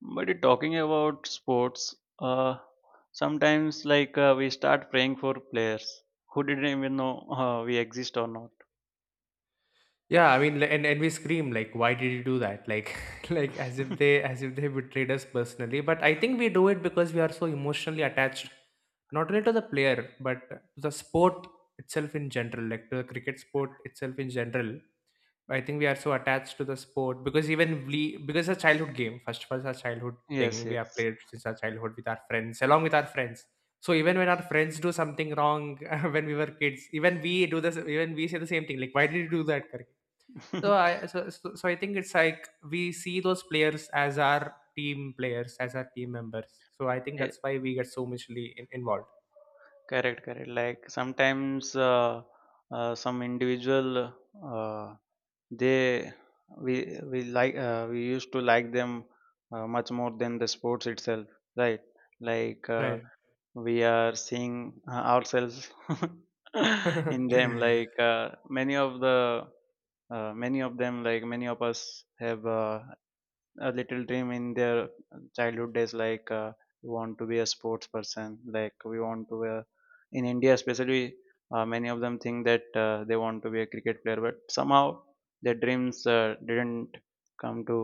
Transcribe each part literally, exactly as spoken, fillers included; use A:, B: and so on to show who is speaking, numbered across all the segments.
A: But talking about sports, uh, sometimes like uh, we start praying for players who didn't even know uh, we exist or not.
B: Yeah, I mean, li- and and we scream like, "Why did you do that?" Like, like as if they as if they betrayed us personally. But I think we do it because we are so emotionally attached, not only to the player but to the sport itself in general, like to the cricket sport itself in general. I think we are so attached to the sport because even we because it's a childhood game. First of all, it's a childhood
A: Yes,
B: thing we have
A: yes.
B: played since our childhood with our friends, along with our friends. So even when our friends do something wrong when we were kids, even we do this. Even we say the same thing, like, "Why did you do that? Karan?" So I so, so so I think it's like we see those players as our team players, as our team members. So I think
A: Yeah,
B: that's why we get so muchly in, involved.
A: correct, correct. Like sometimes uh, uh, some individual, uh, they we we like, uh, we used to like them uh, much more than the sports itself, right? Like uh,
B: Right.
A: we are seeing uh, ourselves in them, like uh, many of the uh, many of them, like many of us have uh, a little dream in their childhood days, like uh, we want to be a sports person, like we want to uh, in India especially, uh, many of them think that uh, they want to be a cricket player, but somehow their dreams uh, didn't come to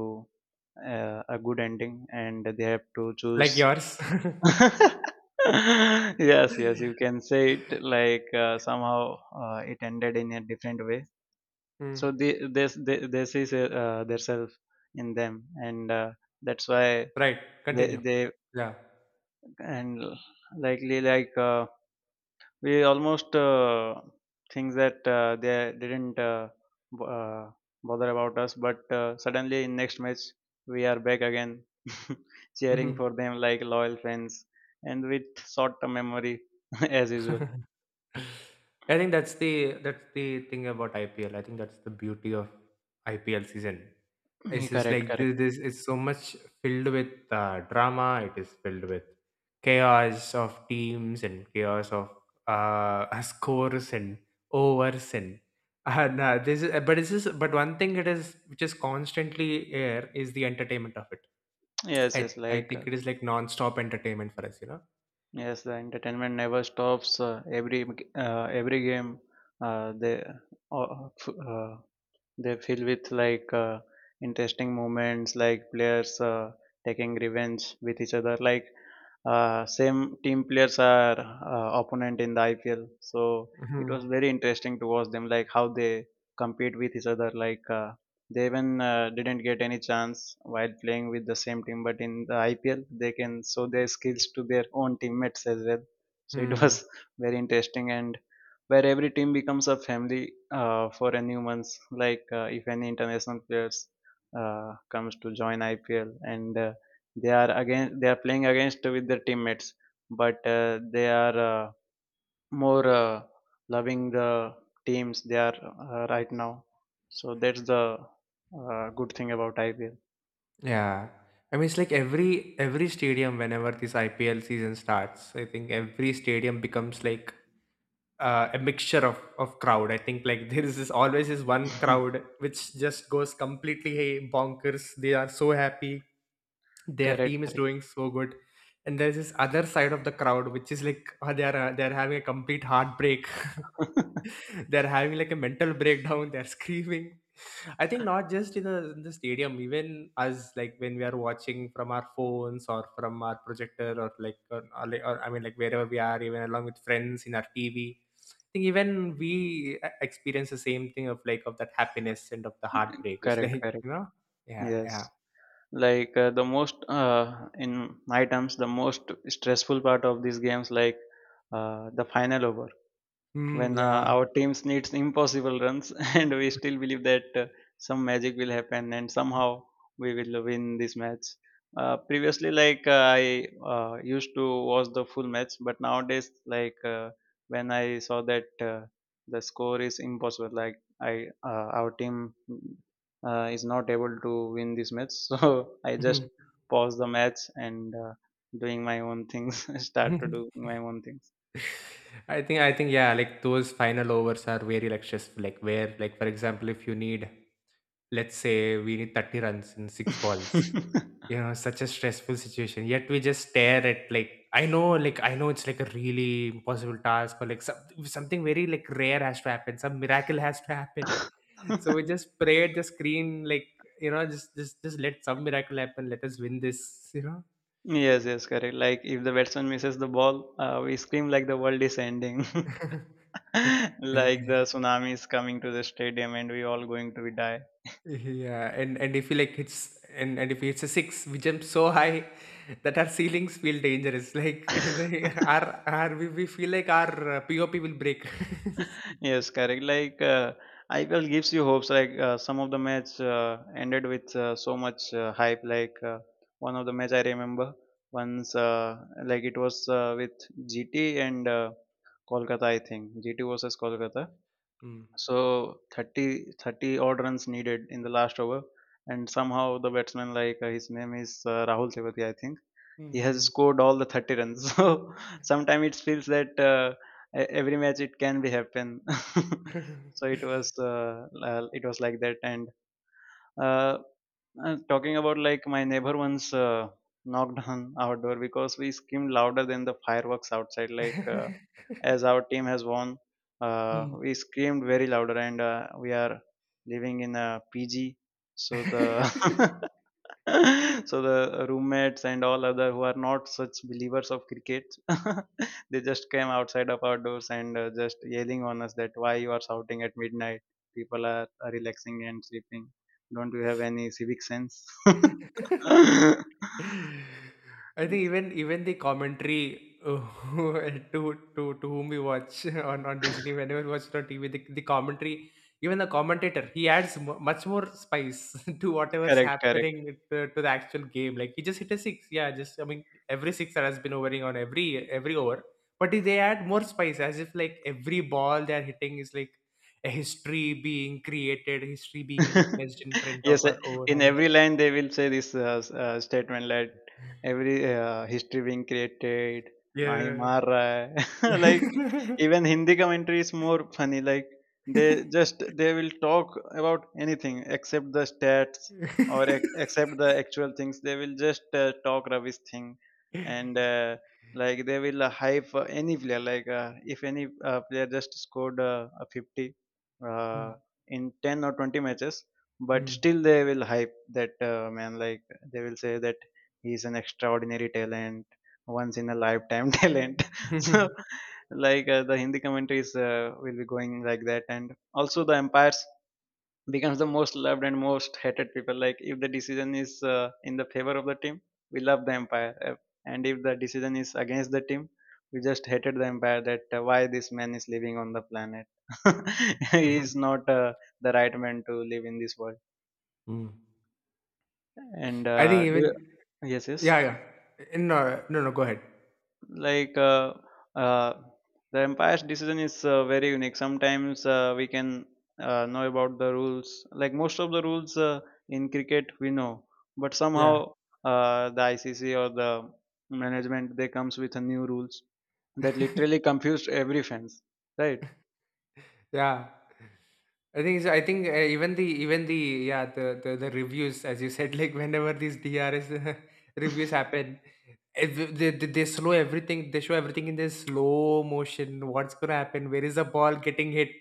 A: uh, a good ending, and they have to choose.
B: Like yours.
A: Yes, yes, you can say it like, uh, somehow uh, it ended in a different way.
B: Mm.
A: So the, this, they, they see uh, themselves in them, and uh, that's why
B: Right.
A: they,
B: Continue.
A: they
B: Yeah.
A: and likely, like uh, we almost uh, think that uh, they didn't uh, b- uh, bother about us, but uh, suddenly in next match we are back again, cheering for
B: Mhm.
A: them like loyal fans, and with short-term memory as usual.
B: I think that's the that's the thing about I P L. I think that's the beauty of I P L season.
A: Yeah,
B: It's just
A: correct,
B: like
A: correct.
B: th- this. It's so much filled with uh, drama. It is filled with chaos of teams and chaos of uh, scores and overs and uh, nah, this is, but it's just but one thing it is which is constantly air is the entertainment of it.
A: Yes,
B: I
A: yes,
B: I
A: like uh,
B: think it is like non-stop entertainment for us. You
A: yes, the entertainment never stops. Uh, every uh, every game, uh, they uh, uh, f- uh, they fill with, like, uh, interesting moments, like players uh, taking revenge with each other. Like uh, same team players are uh, opponent in the I P L, so it
B: know.
A: was very interesting to watch them, like how they compete with each other. Like uh, they even uh, didn't get any chance while playing with the same team, but in the I P L they can show their skills to their own teammates as well. So it was
B: Hmm.
A: very interesting, and where every team becomes a family uh, for a new month. Like uh, if any international players uh, comes to join I P L, and uh, they are again they are playing against with their teammates, but uh, they are uh, more uh, loving the teams they are uh, right now. So that's the uh, good thing about I P L.
B: Yeah. I mean, it's like every every stadium whenever this I P L season starts, I think every stadium becomes like uh, a mixture of of crowd. I think like there is this always is one crowd which just goes completely hey, bonkers. They are so happy. Their
A: Correct,
B: team is
A: correct,
B: doing so good. And there's this other side of the crowd which is like uh, they are uh, they are having a complete heartbreak. They're having like a mental breakdown. They're screaming. I think not just in the, in the stadium, even us, like when we are watching from our phones or from our projector or like, or, or, like- or I mean, like wherever we are, even along with friends in our T V. I think even we uh, experience the same thing of like of that happiness and of the heartbreak. It's
A: correct,
B: like, you
A: correct.
B: know, yeah, yeah,
A: Yes. Like uh, the most, uh, in my terms, the most stressful part of these games, like uh, the final over
B: mm,
A: when uh,
B: yeah.
A: our teams needs impossible runs, and we still believe that uh, some magic will happen and somehow we will win this match. Uh, previously, like uh, I uh, used to watch the full match, but nowadays, like uh, when I saw that uh, the score is impossible, like, I uh, our team uh, is not able to win this match, so I just
B: Mhm.
A: pause the match and uh, doing my own things. Start to do my own things.
B: I think, I think, yeah, like those final overs are very like stressful. Like where, like for example, if you need, let's say, we need thirty runs in six balls. You know, such a stressful situation. Yet we just stare at like I know, like I know it's like a really impossible task or like some, something very like rare has to happen. Some miracle has to happen. So we just pray at the screen, like, you know, just just just let some miracle happen. Let us win this. You know.
A: Yes, yes, correct. Like if the batsman misses the ball, uh, we scream like the world is ending, like the tsunami is coming to the stadium and we all going to die.
B: Yeah, and and if he like hits and and if he hits a six we jump so high that our ceilings feel dangerous like they, our our we, we feel like our uh, pop will break.
A: Yes, correct. Like uh, I P L gives you hopes. Like uh, some of the match uh, ended with uh, so much uh, hype. Like uh, one of the match I remember once, uh, like it was uh, with G T and uh, Kolkata, I think. G T versus Kolkata.
B: Mm.
A: So thirty thirty odd runs needed in the last over, and somehow the batsman, like, uh, his name is uh, Rahul Tewati, I think,
B: 嗯
A: he
B: 嗯
A: has
B: 嗯。
A: scored all the thirty runs. So sometimes it feels that uh, e- every match it can be happen. So it was uh, l- it was like that. And uh, uh, talking about, like, my neighbor once uh, knocked on our door because we screamed louder than the fireworks outside, like. Uh, as our team has won. Uh,
B: 嗯。
A: we screamed very louder, and uh, we are living in a P G, so the so the roommates and all other who are not such believers of cricket, they just came outside of our doors and uh, just yelling on us that why you are shouting at midnight? People are, are relaxing and sleeping. Don't you have any civic sense?
B: I think even even the commentary uh, to to to whom we watch on on Disney whenever we watch it on T V, the, the commentary, even the commentator, he adds mu much more spice to whatever's
A: Correct, correct.
B: happening to, to the actual game. Like he just hit a six, yeah. Just I mean, every six that has been overing on every every over, but they add more spice as if like every ball they're hitting is like a history being created, history being witnessed in front of
A: Yes,
B: our
A: uh,
B: own
A: in
B: eyes.
A: every line they will say this uh, s- uh, statement, like, every uh, history being created, mahi
B: Yeah.
A: maar raha hai." Like, even Hindi commentary is more funny, like, they just they will talk about anything except the stats or ex- except the actual things. They will just uh, talk rubbish thing, and uh, like they will uh, hype uh, any player, like uh, if any uh, player just scored uh, a fifty uh,
B: Mm,
A: in ten or twenty matches, but
B: mm.
A: still they will hype that uh, man, like they will say that he's an extraordinary talent, once in a lifetime talent. So, like, uh, the Hindi commentaries uh, will be going like that. And also the umpires becomes the most loved and most hated people. Like if the decision is uh, in the favor of the team, we love the empire. Uh, and if the decision is against the team, we just hated the empire. That, uh, why this man is living on the planet? He is not uh, the right man to live in this world.
B: Mm.
A: And
B: I think
A: uh, do
B: even.
A: you- Yes,
B: Yeah,
A: yes.
B: yeah. No, no, no, go ahead.
A: Like uh, uh, the umpire's decision is uh, very unique. Sometimes uh, we can uh, know about the rules, like most of the rules uh, in cricket we know, but somehow
B: Yeah.
A: uh, the ICC or the management they comes with a new rules that literally confused every fans, right?
B: Yeah. I think so. I think uh, even the even the yeah, the, the the reviews as you said like whenever these D R S reviews happen, ev- they, they they slow everything. They show everything in this slow motion. What's gonna happen? Where is the ball getting hit?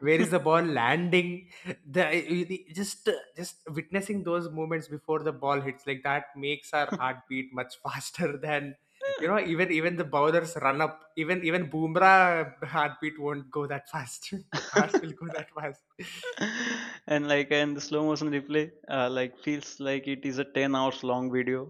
B: Where is the ball landing? The, you- the- just just witnessing those moments before the ball hits like that makes our heartbeat much faster than you know, even even the bowlers run up. Even even Boomerang heartbeat won't go that fast. Ours will go that fast.
A: And, like, and the slow motion replay uh, like feels like it is a ten hours long video,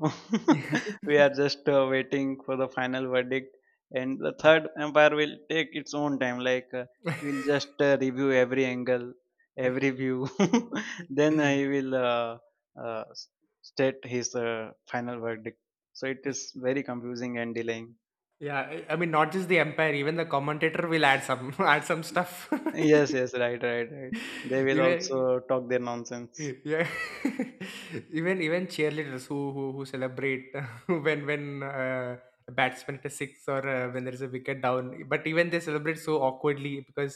A: we are just uh, waiting for the final verdict, and the third empire will take its own time, like uh, we'll just uh, review every angle, every view. Then uh, he will uh, uh, s- state his uh, final verdict. So it is very confusing and delaying.
B: Yeah, I I mean, not just the umpire. Even the commentator will add some add some stuff.
A: Yes, yes, right, right, right. They will also
B: Even.
A: talk their nonsense.
B: Eh, yeah. even even cheerleaders who who, who celebrate when when uh, a batsman hits a six or uh, when there is a wicket down, but even they celebrate so awkwardly because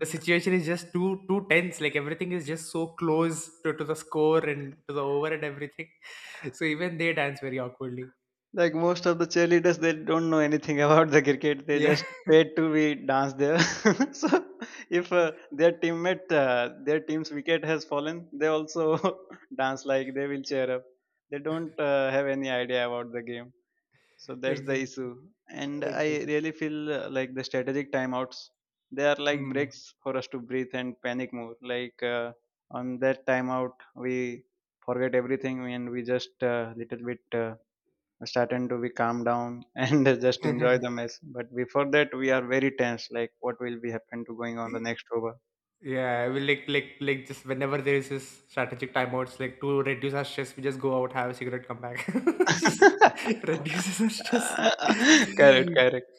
B: the situation is just too too tense, like everything is just so close to, to the score and to the over and everything. So even they dance very awkwardly.
A: Like most of the cheerleaders, they don't know anything about the cricket. They
B: Yeah.
A: just paid to be dance there. So if uh, their teammate, uh, their team's wicket has fallen, they also dance like they will cheer up. They don't uh, have any idea about the game. So that's the
B: Exactly,
A: issue. And I
B: exactly.
A: really feel uh, like the strategic timeouts, they are like
B: Hmm.
A: breaks for us to breathe and panic more. Like, uh, on that timeout, we forget everything and we just uh, little bit. Uh, starting to be calm down and just enjoy the mess. But before that, we are very tense. Like, what will be happen to going on the next over?
B: Yeah, we like like like just whenever there is this strategic timeouts, like to reduce our stress, we just go out, have a cigarette, come back. Just reduces our stress.
A: Correct, correct.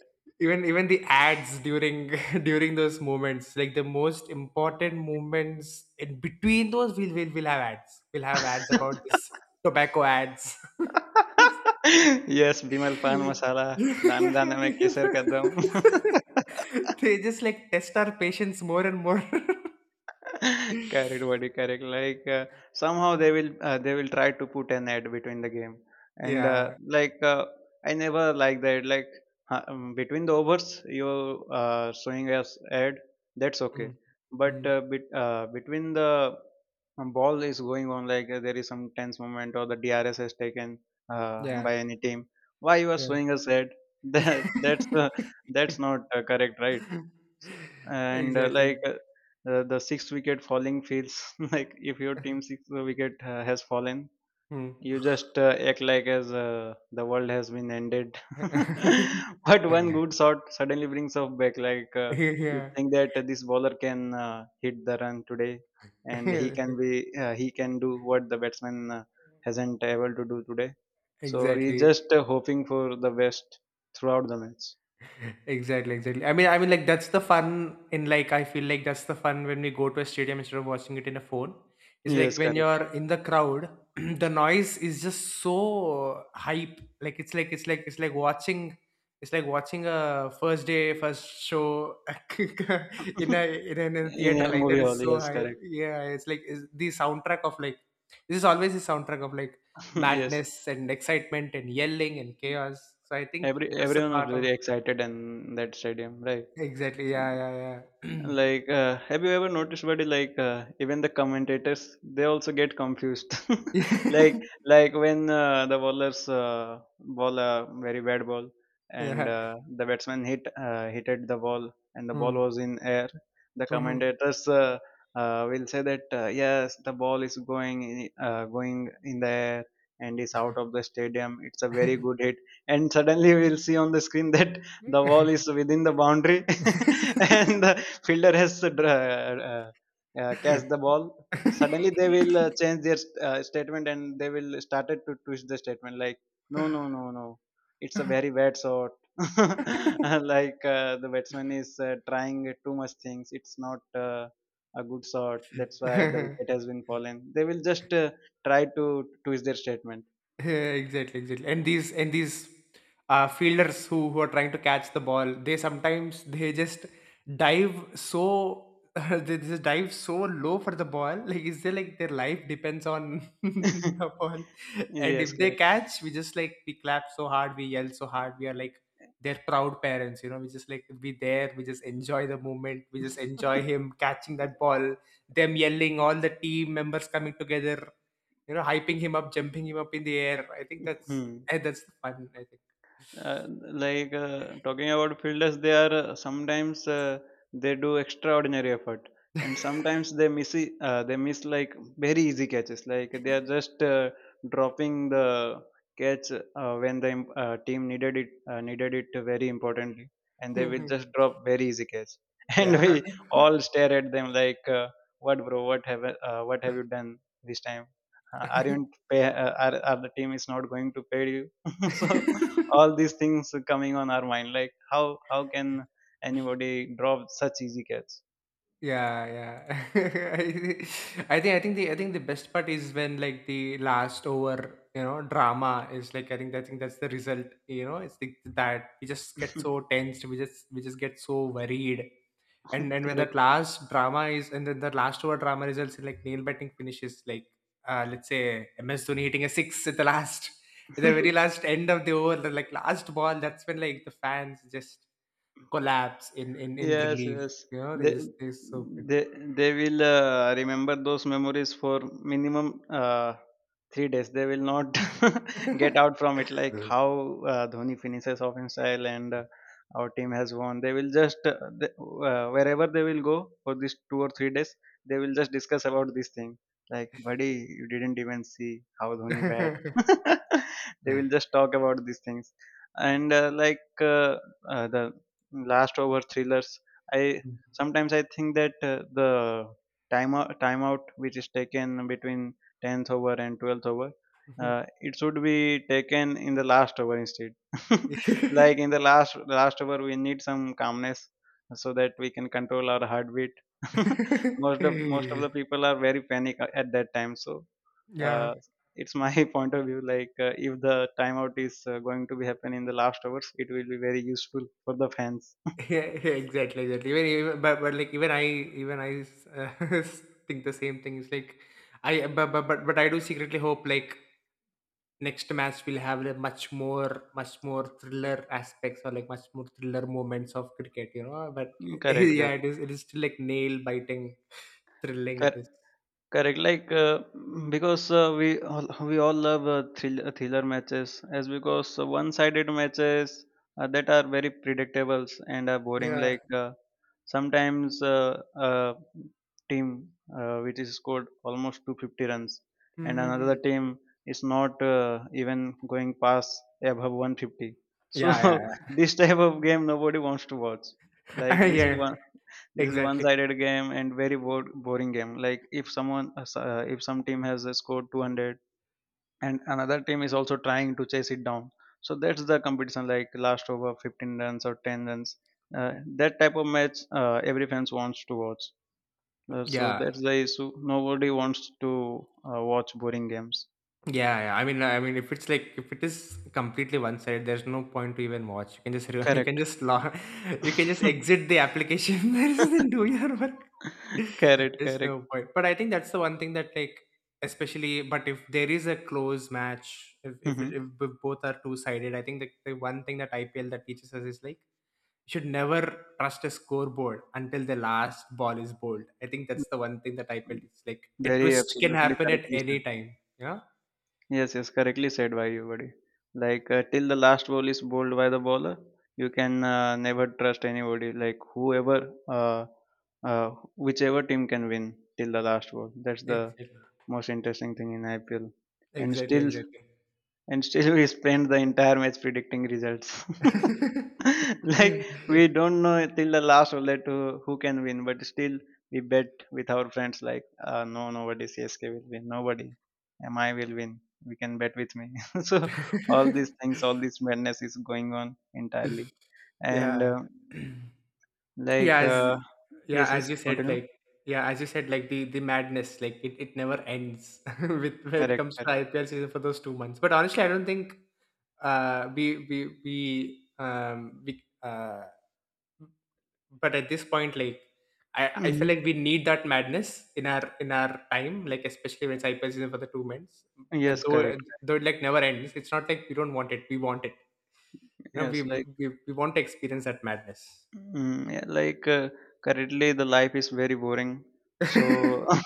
B: even even the ads during during those moments, like the most important moments in between those, we'll we'll, we'll have ads. We'll have ads about this tobacco ads.
A: Yes, Bimal Pan Masala, Dane Dane Mein Kesar Kadam.
B: They just like test our patience more and more.
A: Correct, buddy. Correct. Like, uh, somehow they will uh, they will try to put an ad between the game, and uh,
B: Yeah.
A: like uh, I never like that. Like, uh, um, between the overs, you uh, showing us ad. That's okay,
B: Mm,
A: but
B: mm,
A: uh, bet, uh, between the um, ball is going on, like uh, there is some tense moment, or the D R S is taken uh,
B: yeah.
A: by any team. Why you are showing us ad?
B: Yeah.
A: That that's uh, that's not uh, correct, right? And uh, like,
B: Exactly.
A: uh, uh, the sixth wicket falling feels like if your team sixth wicket uh, has fallen,
B: Hmm.
A: you just uh, act like as uh, the world has been ended. But one good shot suddenly brings us back, like, uh, you
B: Yeah.
A: think that this bowler can uh, hit the run today, and he can be uh, he can do what the batsman uh, hasn't able to do today, so he's
B: Exactly.
A: just uh, hoping for the best throughout the match.
B: Exactly, exactly. I mean, I mean, like that's the fun in, like, I feel like that's the fun when we go to a stadium instead of watching it in a phone. It's like
A: Yes,
B: when
A: correct.
B: you're in the crowd, the noise is just so hype. Like it's like it's like it's like watching it's like watching a first day first show in a in a, in a
A: In
B: theater,
A: a
B: like that
A: movie hall,
B: is so
A: yes,
B: hype.
A: correct.
B: Yeah, it's like it's the soundtrack of like this is always the soundtrack of like
A: Yes,
B: madness and excitement and yelling and chaos. So I think
A: every
B: that's a
A: everyone was
B: part of.
A: very excited in that stadium, right?
B: Exactly. Yeah, yeah,
A: Like, uh, have you ever noticed, buddy? Like, uh, even the commentators, they also get confused. like,
B: yeah.
A: like when uh, the bowlers uh, bowl a very bad ball, and
B: Yeah.
A: uh, the batsman hit uh, hitted the ball, and the ball
B: Mm.
A: was in air. The
B: Mhm.
A: commentators uh, uh, will say that, uh, yes, the ball is going in- uh, going in the air and is out of the stadium. It's a very good hit, and suddenly we'll see on the screen that the ball is within the boundary and the, fielder has uh, uh, uh, catch the ball. Suddenly they will uh, change their uh, statement, and they will started to twist the statement like, no no no no, it's a very bad shot. Uh, like uh, the batsman is uh, trying too much things. It's not uh, a good shot, that's why the wicket has been fallen. They will just uh, try to twist their statement.
B: Yeah, exactly, exactly. And these and these uh, fielders who who are trying to catch the ball, they sometimes they just dive so they just dive so low for the ball. Like is there like their life depends on the ball. And
A: Yes,
B: if they
A: correct.
B: catch, we just like we clap so hard, we yell so hard, we are like their proud parents, you know. We just like we there, we just enjoy the moment, we just enjoy him catching that ball, them yelling, all the team members coming together, you know, hyping him up, jumping him up in the air. I think that's
A: Hmm.
B: eh, that's fun, I think.
A: uh, like uh, Talking about fielders, they are uh, sometimes uh, they do extraordinary effort, and sometimes they miss e- uh, they miss like very easy catches. Like they are just uh, dropping the catch uh, when the im- uh, team needed it, uh, needed it very importantly, and they will just drop very easy catch. And
B: Yeah.
A: we all stare at them like, uh, what bro, what have uh, what have you done this time? Uh, aren't pay uh, are, are the team is not going to pay you? So all these things coming on our mind, like how how can anybody drop such easy catch?
B: Yeah, yeah. I thi- I think I think the I think the best part is when, like, the last over, you know, drama is like, I think I think that's the result, you know, it's the, that we just get so tensed, we just we just get so worried. And and when that
A: Correct.
B: last drama is, and then the last over drama results in like nail biting finishes like uh let's say M S Dhoni hitting a six at the last at the very last end of the over, the like last ball, that's when like the fans just collapse in in, in
A: Yes,
B: relief.
A: yes.
B: You know, they
A: They
B: just they so.
A: they they will uh, remember those memories for minimum uh, three days. They will not
B: Yeah.
A: get out from it. Like how uh, Dhoni finishes off in style, and uh, our team has won. They will just uh, th- uh, wherever they will go for these two or three days, they will just discuss about this thing. Like, buddy, you didn't even see how Dhoni bat. They will just talk about these things, and uh, like uh, uh, the last over thrillers. I sometimes I think that uh, the time timeout which is taken between tenth over and twelfth over, uh, it should be taken in the last over instead. Like in the last last over, we need some calmness so that we can control our heartbeat. Most of most of the people are very panic at that time, so uh, it's my point of view, like uh, if the timeout is uh, going to be happen in the last hours, it will be very useful for the fans.
B: Yeah, exactly, exactly. Even, even, but but like even I even I uh, think the same thing. It's like I but, but but but I do secretly hope like next match will have like much more much more thriller aspects, or like much more thriller moments of cricket. You know, but
A: Mm. Correct,
B: yeah,
A: correct,
B: it is it is still like nail biting, thrilling. It
A: correct,
B: is.
A: correct. Like uh, mm, because uh, we all, we all love uh, thriller, thriller matches, as because uh, one-sided matches uh, that are very predictables and are boring.
B: Yeah.
A: Like uh, sometimes uh, uh, team uh, which is scored almost two hundred fifty runs, and another
B: Mhm.
A: team is not uh, even going past above one hundred fifty. So
B: Yeah. Yeah.
A: this type of game nobody wants to watch. Like this is
B: Yeah,
A: one this is
B: exactly.
A: one-sided game and very bored, boring game. Like if someone, uh, if some team has uh, scored two hundred, and another team is also trying to chase it down, so that's the competition. Like last over, fifteen runs or ten runs, uh, that type of match uh, every fans wants to watch. Uh, so
B: Yeah,
A: that's the issue. Nobody wants to uh, watch boring games.
B: yeah, yeah. I mean i mean if it's like if it is completely one sided, there's no point to even watch. You can just re- you can
A: Correct.
B: just log, you can just exit the application there and do your work.
A: Correct.
B: There's
A: Correct.
B: no point, but I think that's the one thing that, like, especially, but if there is a close match, if if,
A: Hmm.
B: if both are two sided, I think the, the one thing that IPL that teaches us is like, should never trust a scoreboard until the last ball is bowled. I think that's the one thing that I felt. It's like a
A: Very
B: twist can
A: absolutely
B: happen at
A: correctly
B: any
A: said.
B: time. Yeah.
A: Yes, yes, correctly said by you, buddy. Like uh, till the last ball is bowled by the bowler, you can uh, never trust anybody. Like whoever, uh, uh, whichever team can win till the last ball. That's the
B: Exactly.
A: most interesting thing in I P L. And
B: Exactly.
A: still,
B: Exactly.
A: and still we spend the entire match predicting results. Like we don't know till the last bullet who, who can win, but still we bet with our friends like, uh, no, nobody C S K will win, nobody M I will win. We can bet with me. So all these things, all this madness is going on entirely, and
B: Yeah.
A: uh,
B: Yeah.
A: like
B: As
A: uh,
B: yeah,
A: yes,
B: as
A: yes,
B: you said,
A: continue.
B: like, yeah, as you said, like the the madness, like it, it never ends with when it
A: Correct,
B: comes to
A: correct.
B: I P L season for those two months. But honestly, I don't think uh we we we um we uh but at this point, like I, I feel like
A: Hmm.
B: we need that madness in our in our time, like especially when cyber season for the two months. Uh,
A: Yes,
B: Though uh,
A: correct.
B: though it like never ends. It's not like we don't want it. We want it. You know, we
A: Yes, like.
B: we, we want to experience that madness.
A: Mm, yeah, like uh, currently the life is very boring. So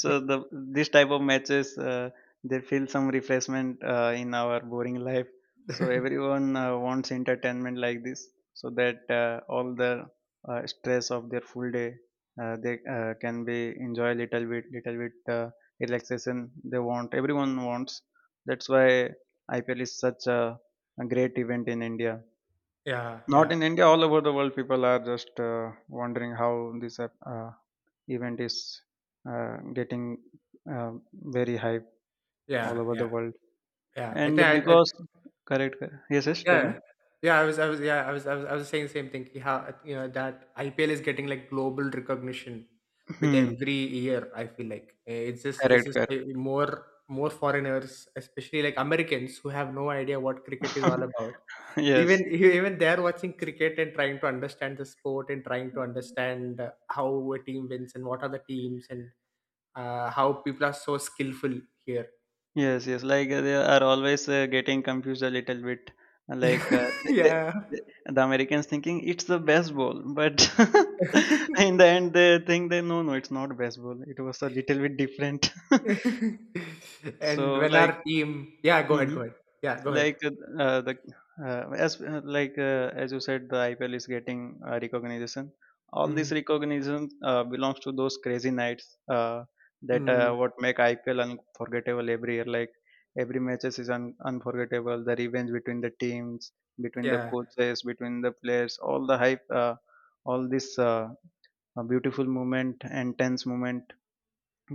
A: so the this type of matches uh, they feel some refreshment uh, in our boring life. So
B: Yeah,
A: everyone uh, wants entertainment like this, so that uh, all the uh, stress of their full day uh, they uh, can be enjoy little bit, little bit uh, relaxation they want. Everyone wants. That's why I P L is such a, a great event in India. Not
B: yeah,
A: in India, all over the world, people are just uh, wondering how this uh, uh, event is uh, getting uh, very hype
B: yeah,
A: all over
B: yeah,
A: the world.
B: yeah. I think
A: And
B: I, I
A: because, correct, correct. Yes, yes, tell me.
B: yeah. Yeah, I was I was yeah, I was I was I was saying the same thing. Ki How you know that I P L is getting like global recognition with
A: Hmm,
B: every year, I feel like. Eh, It's just it's
A: correct,
B: just
A: correct.
B: eh, more more foreigners, especially like Americans who have no idea what cricket is all about. Even
A: Yes.
B: even they're watching cricket and trying to understand the sport and trying to understand uh, how a team wins and what are the teams and uh, how people are so skillful here.
A: Yes, yes. Like uh, they are always uh, getting confused a little bit. Like uh, th- th-
B: Yeah.
A: th- the Americans thinking it's the baseball, but in the end they think they, no, no, it's not baseball. It was a little bit different.
B: And
A: So
B: when our
A: like,
B: team yeah, go ahead,
A: mhm.
B: go ahead. Yeah, go ahead.
A: Like uh, uh, the uh, as uh, like uh, as you said, the I P L is getting uh, recognition. All
B: Mm,
A: this recognition uh, belongs to those crazy nights uh, that uh,
B: mm,
A: what make I P L unforgettable every year. Like every matches is un- unforgettable. The revenge between the teams, between the
B: yeah,
A: coaches, between the players, all the hype, uh, all this uh, uh, beautiful moment and tense moment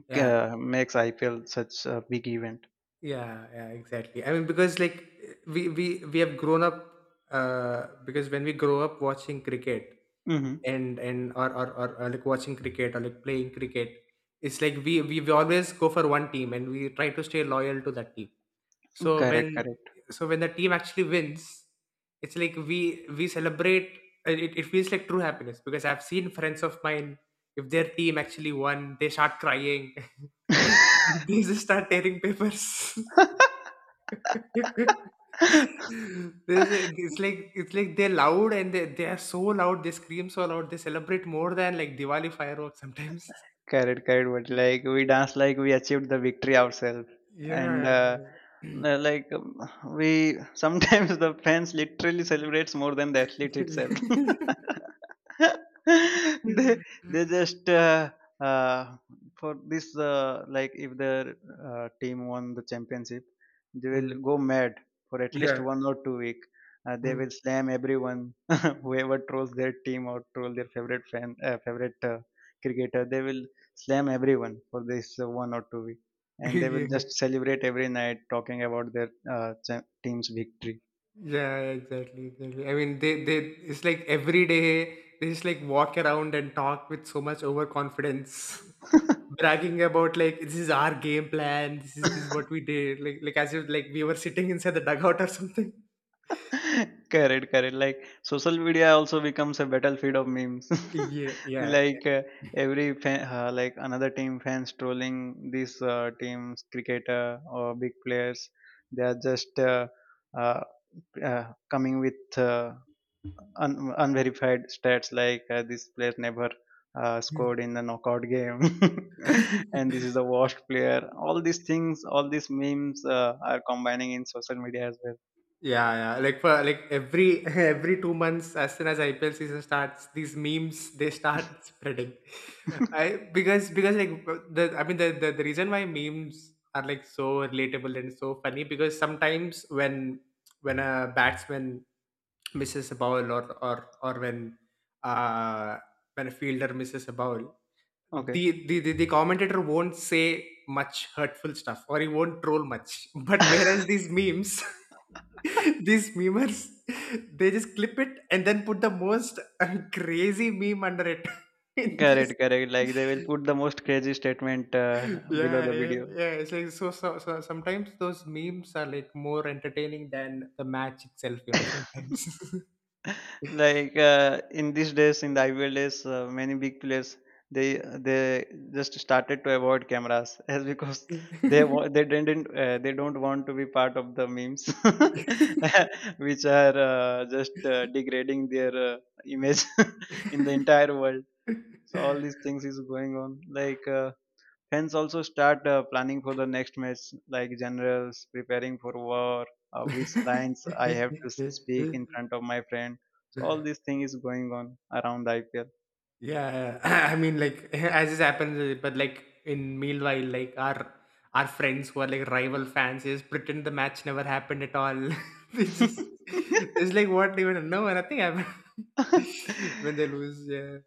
B: yeah,
A: uh, makes I P L such a big event.
B: yeah, yeah, exactly. I mean, because like we we we have grown up uh because when we grow up watching cricket.
A: Hmm.
B: and and or or, or, or like watching cricket or like playing cricket, it's like we, we we always go for one team and we try to stay loyal to that team, so when
A: Correct, correct.
B: so when the team actually wins, it's like we we celebrate and it, it feels like true happiness, because I've seen friends of mine, if their team actually won, they start crying. They just start tearing papers.
A: I.
B: This is, it's like it's like they're loud and they they are so loud. They scream so loud. They celebrate more than like Diwali fireworks sometimes.
A: Correct, correct. But like we danced like we achieved the victory ourselves, and
B: Yeah.
A: uh,
B: Yeah. Yeah.
A: uh, like um, we sometimes the fans literally celebrates more than the athlete itself. they they just uh, uh, for this, uh, like if their uh, team won the championship, they will
B: Mm.
A: go mad for at least
B: Yeah.
A: one or two week. Uh, they
B: Mm.
A: will slam everyone whoever trolls their team or troll their favorite fan, uh, favorite. Uh, cricketer, they will slam everyone for this uh, one or two week, and they
B: Yeah,
A: will just celebrate every night talking about their uh, cha- team's victory.
B: yeah, exactly exactly I mean they they it's like every day they just like walk around and talk with so much overconfidence. Bragging about like this is our game plan, this is this is what we did, like like as if like we were sitting inside the dugout or something.
A: Correct, correct. Like social media also becomes a battlefield of memes.
B: Yeah, yeah.
A: Like uh, every fan, uh, like another team fans trolling this uh, team's cricketer or big players, they are just uh, uh, uh, coming with uh, un- unverified stats, like uh, this player never uh, scored in the knockout game and this is a washed player. All these things, all these memes uh, are combining in social media as well.
B: Yeah, yeah. Like for like every every two months, as soon as I P L season starts, these memes they start spreading. I because because like the I mean the, the the reason why memes are like so relatable and so funny, because sometimes when when a batsman misses a ball, or or or when uh when a fielder misses a ball,
A: Okay.
B: the, the the the commentator won't say much hurtful stuff, or he won't troll much. But whereas these memes, these memers, they just clip it and then put the most uh, crazy meme under it. And
A: Correct,
B: just
A: correct. Like they will put the most crazy statement uh, below
B: yeah,
A: the
B: yeah
A: video.
B: yeah it's like so, so so sometimes those memes are like more entertaining than the match itself, you know, sometimes.
A: Like uh, in these days, in the I P L days, uh, many big players, they they just started to avoid cameras as because they wa- they didn't uh, they don't want to be part of the memes which are uh, just uh, degrading their uh, image in the entire world. So all these things is going on, like uh, hence, also start uh, planning for the next match, like generals, preparing for war, uh, which lines I have to s- speak in front of my friend. So all this thing is going on around I P L.
B: Yeah, I mean, like, as this happens, uh, but like in meanwhile, like our our friends who are like rival fans is pretend the match never happened at all. They just it's like what even no nothing happened when they lose. Yeah,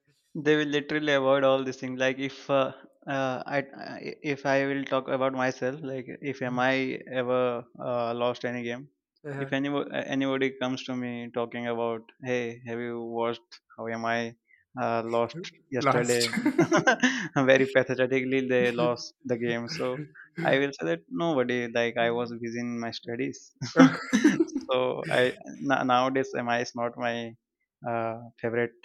A: They will literally avoid all these things. Like if uh, uh, I, I if I will talk about myself, like if am I ever uh, lost any game,
B: yeah.
A: if any anybody comes to me talking about, hey, have you watched how am I uh, lost yesterday?
B: Lost.
A: Very pathetically they lost the game. So I will say that nobody, like I was busy in my studies. So i n- nowadays M I is not my uh, favorite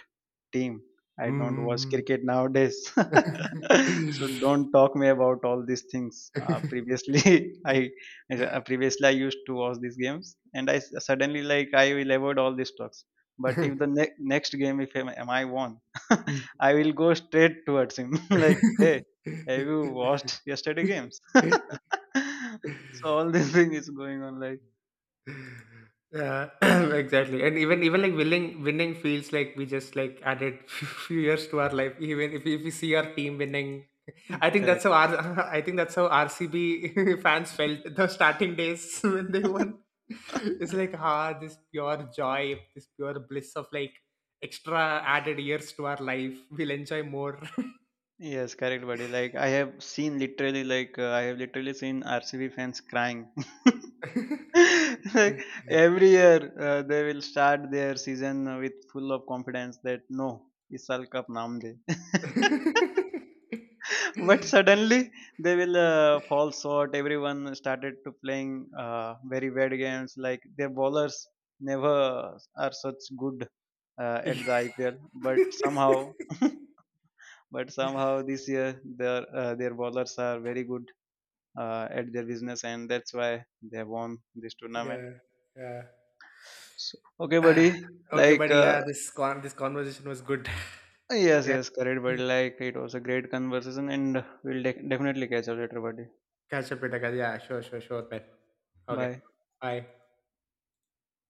A: team. I don't watch
B: Mm.
A: cricket nowadays. So don't talk me about all these things. Uh, previously, I uh, previously I used to watch these games, and I s- suddenly like I will avoid all these talks. But if the ne- next game, if am, am I won,
B: Mm.
A: I will go straight towards him. Like, hey, have you watched yesterday games? So all these thing is going on. Like,
B: Yeah, exactly. And even even like winning winning feels like we just like added few years to our life. Even if we, if we see our team winning, I think that's how
A: correct.
B: our I think that's how R C B fans felt the starting days when they won. It's like ah, this pure joy, this pure bliss of like extra added years to our life. We'll enjoy more.
A: Yes, correct, buddy. Like I have seen literally, like uh, I have literally seen R C B fans crying. Like every year, uh, they will start their season with full of confidence that no, is World Cup namde. But suddenly they will uh, fall short. Everyone started to playing uh, very bad games. Like their bowlers never are such good uh, at the I P L, but somehow. But somehow this year their uh, their bowlers are very good uh, at their business, and that's why they have won this tournament.
B: Yeah, yeah.
A: So, okay,
B: Ah,
A: buddy.
B: okay,
A: Like
B: buddy.
A: uh,
B: Yeah, this con- this conversation was good.
A: yes,
B: Yeah,
A: yes, correct, buddy. Like it was a great conversation, and we'll de- definitely catch up later, buddy.
B: catch up later, guys. Yeah, sure, sure, sure, man. Okay,
A: Bye.
B: bye.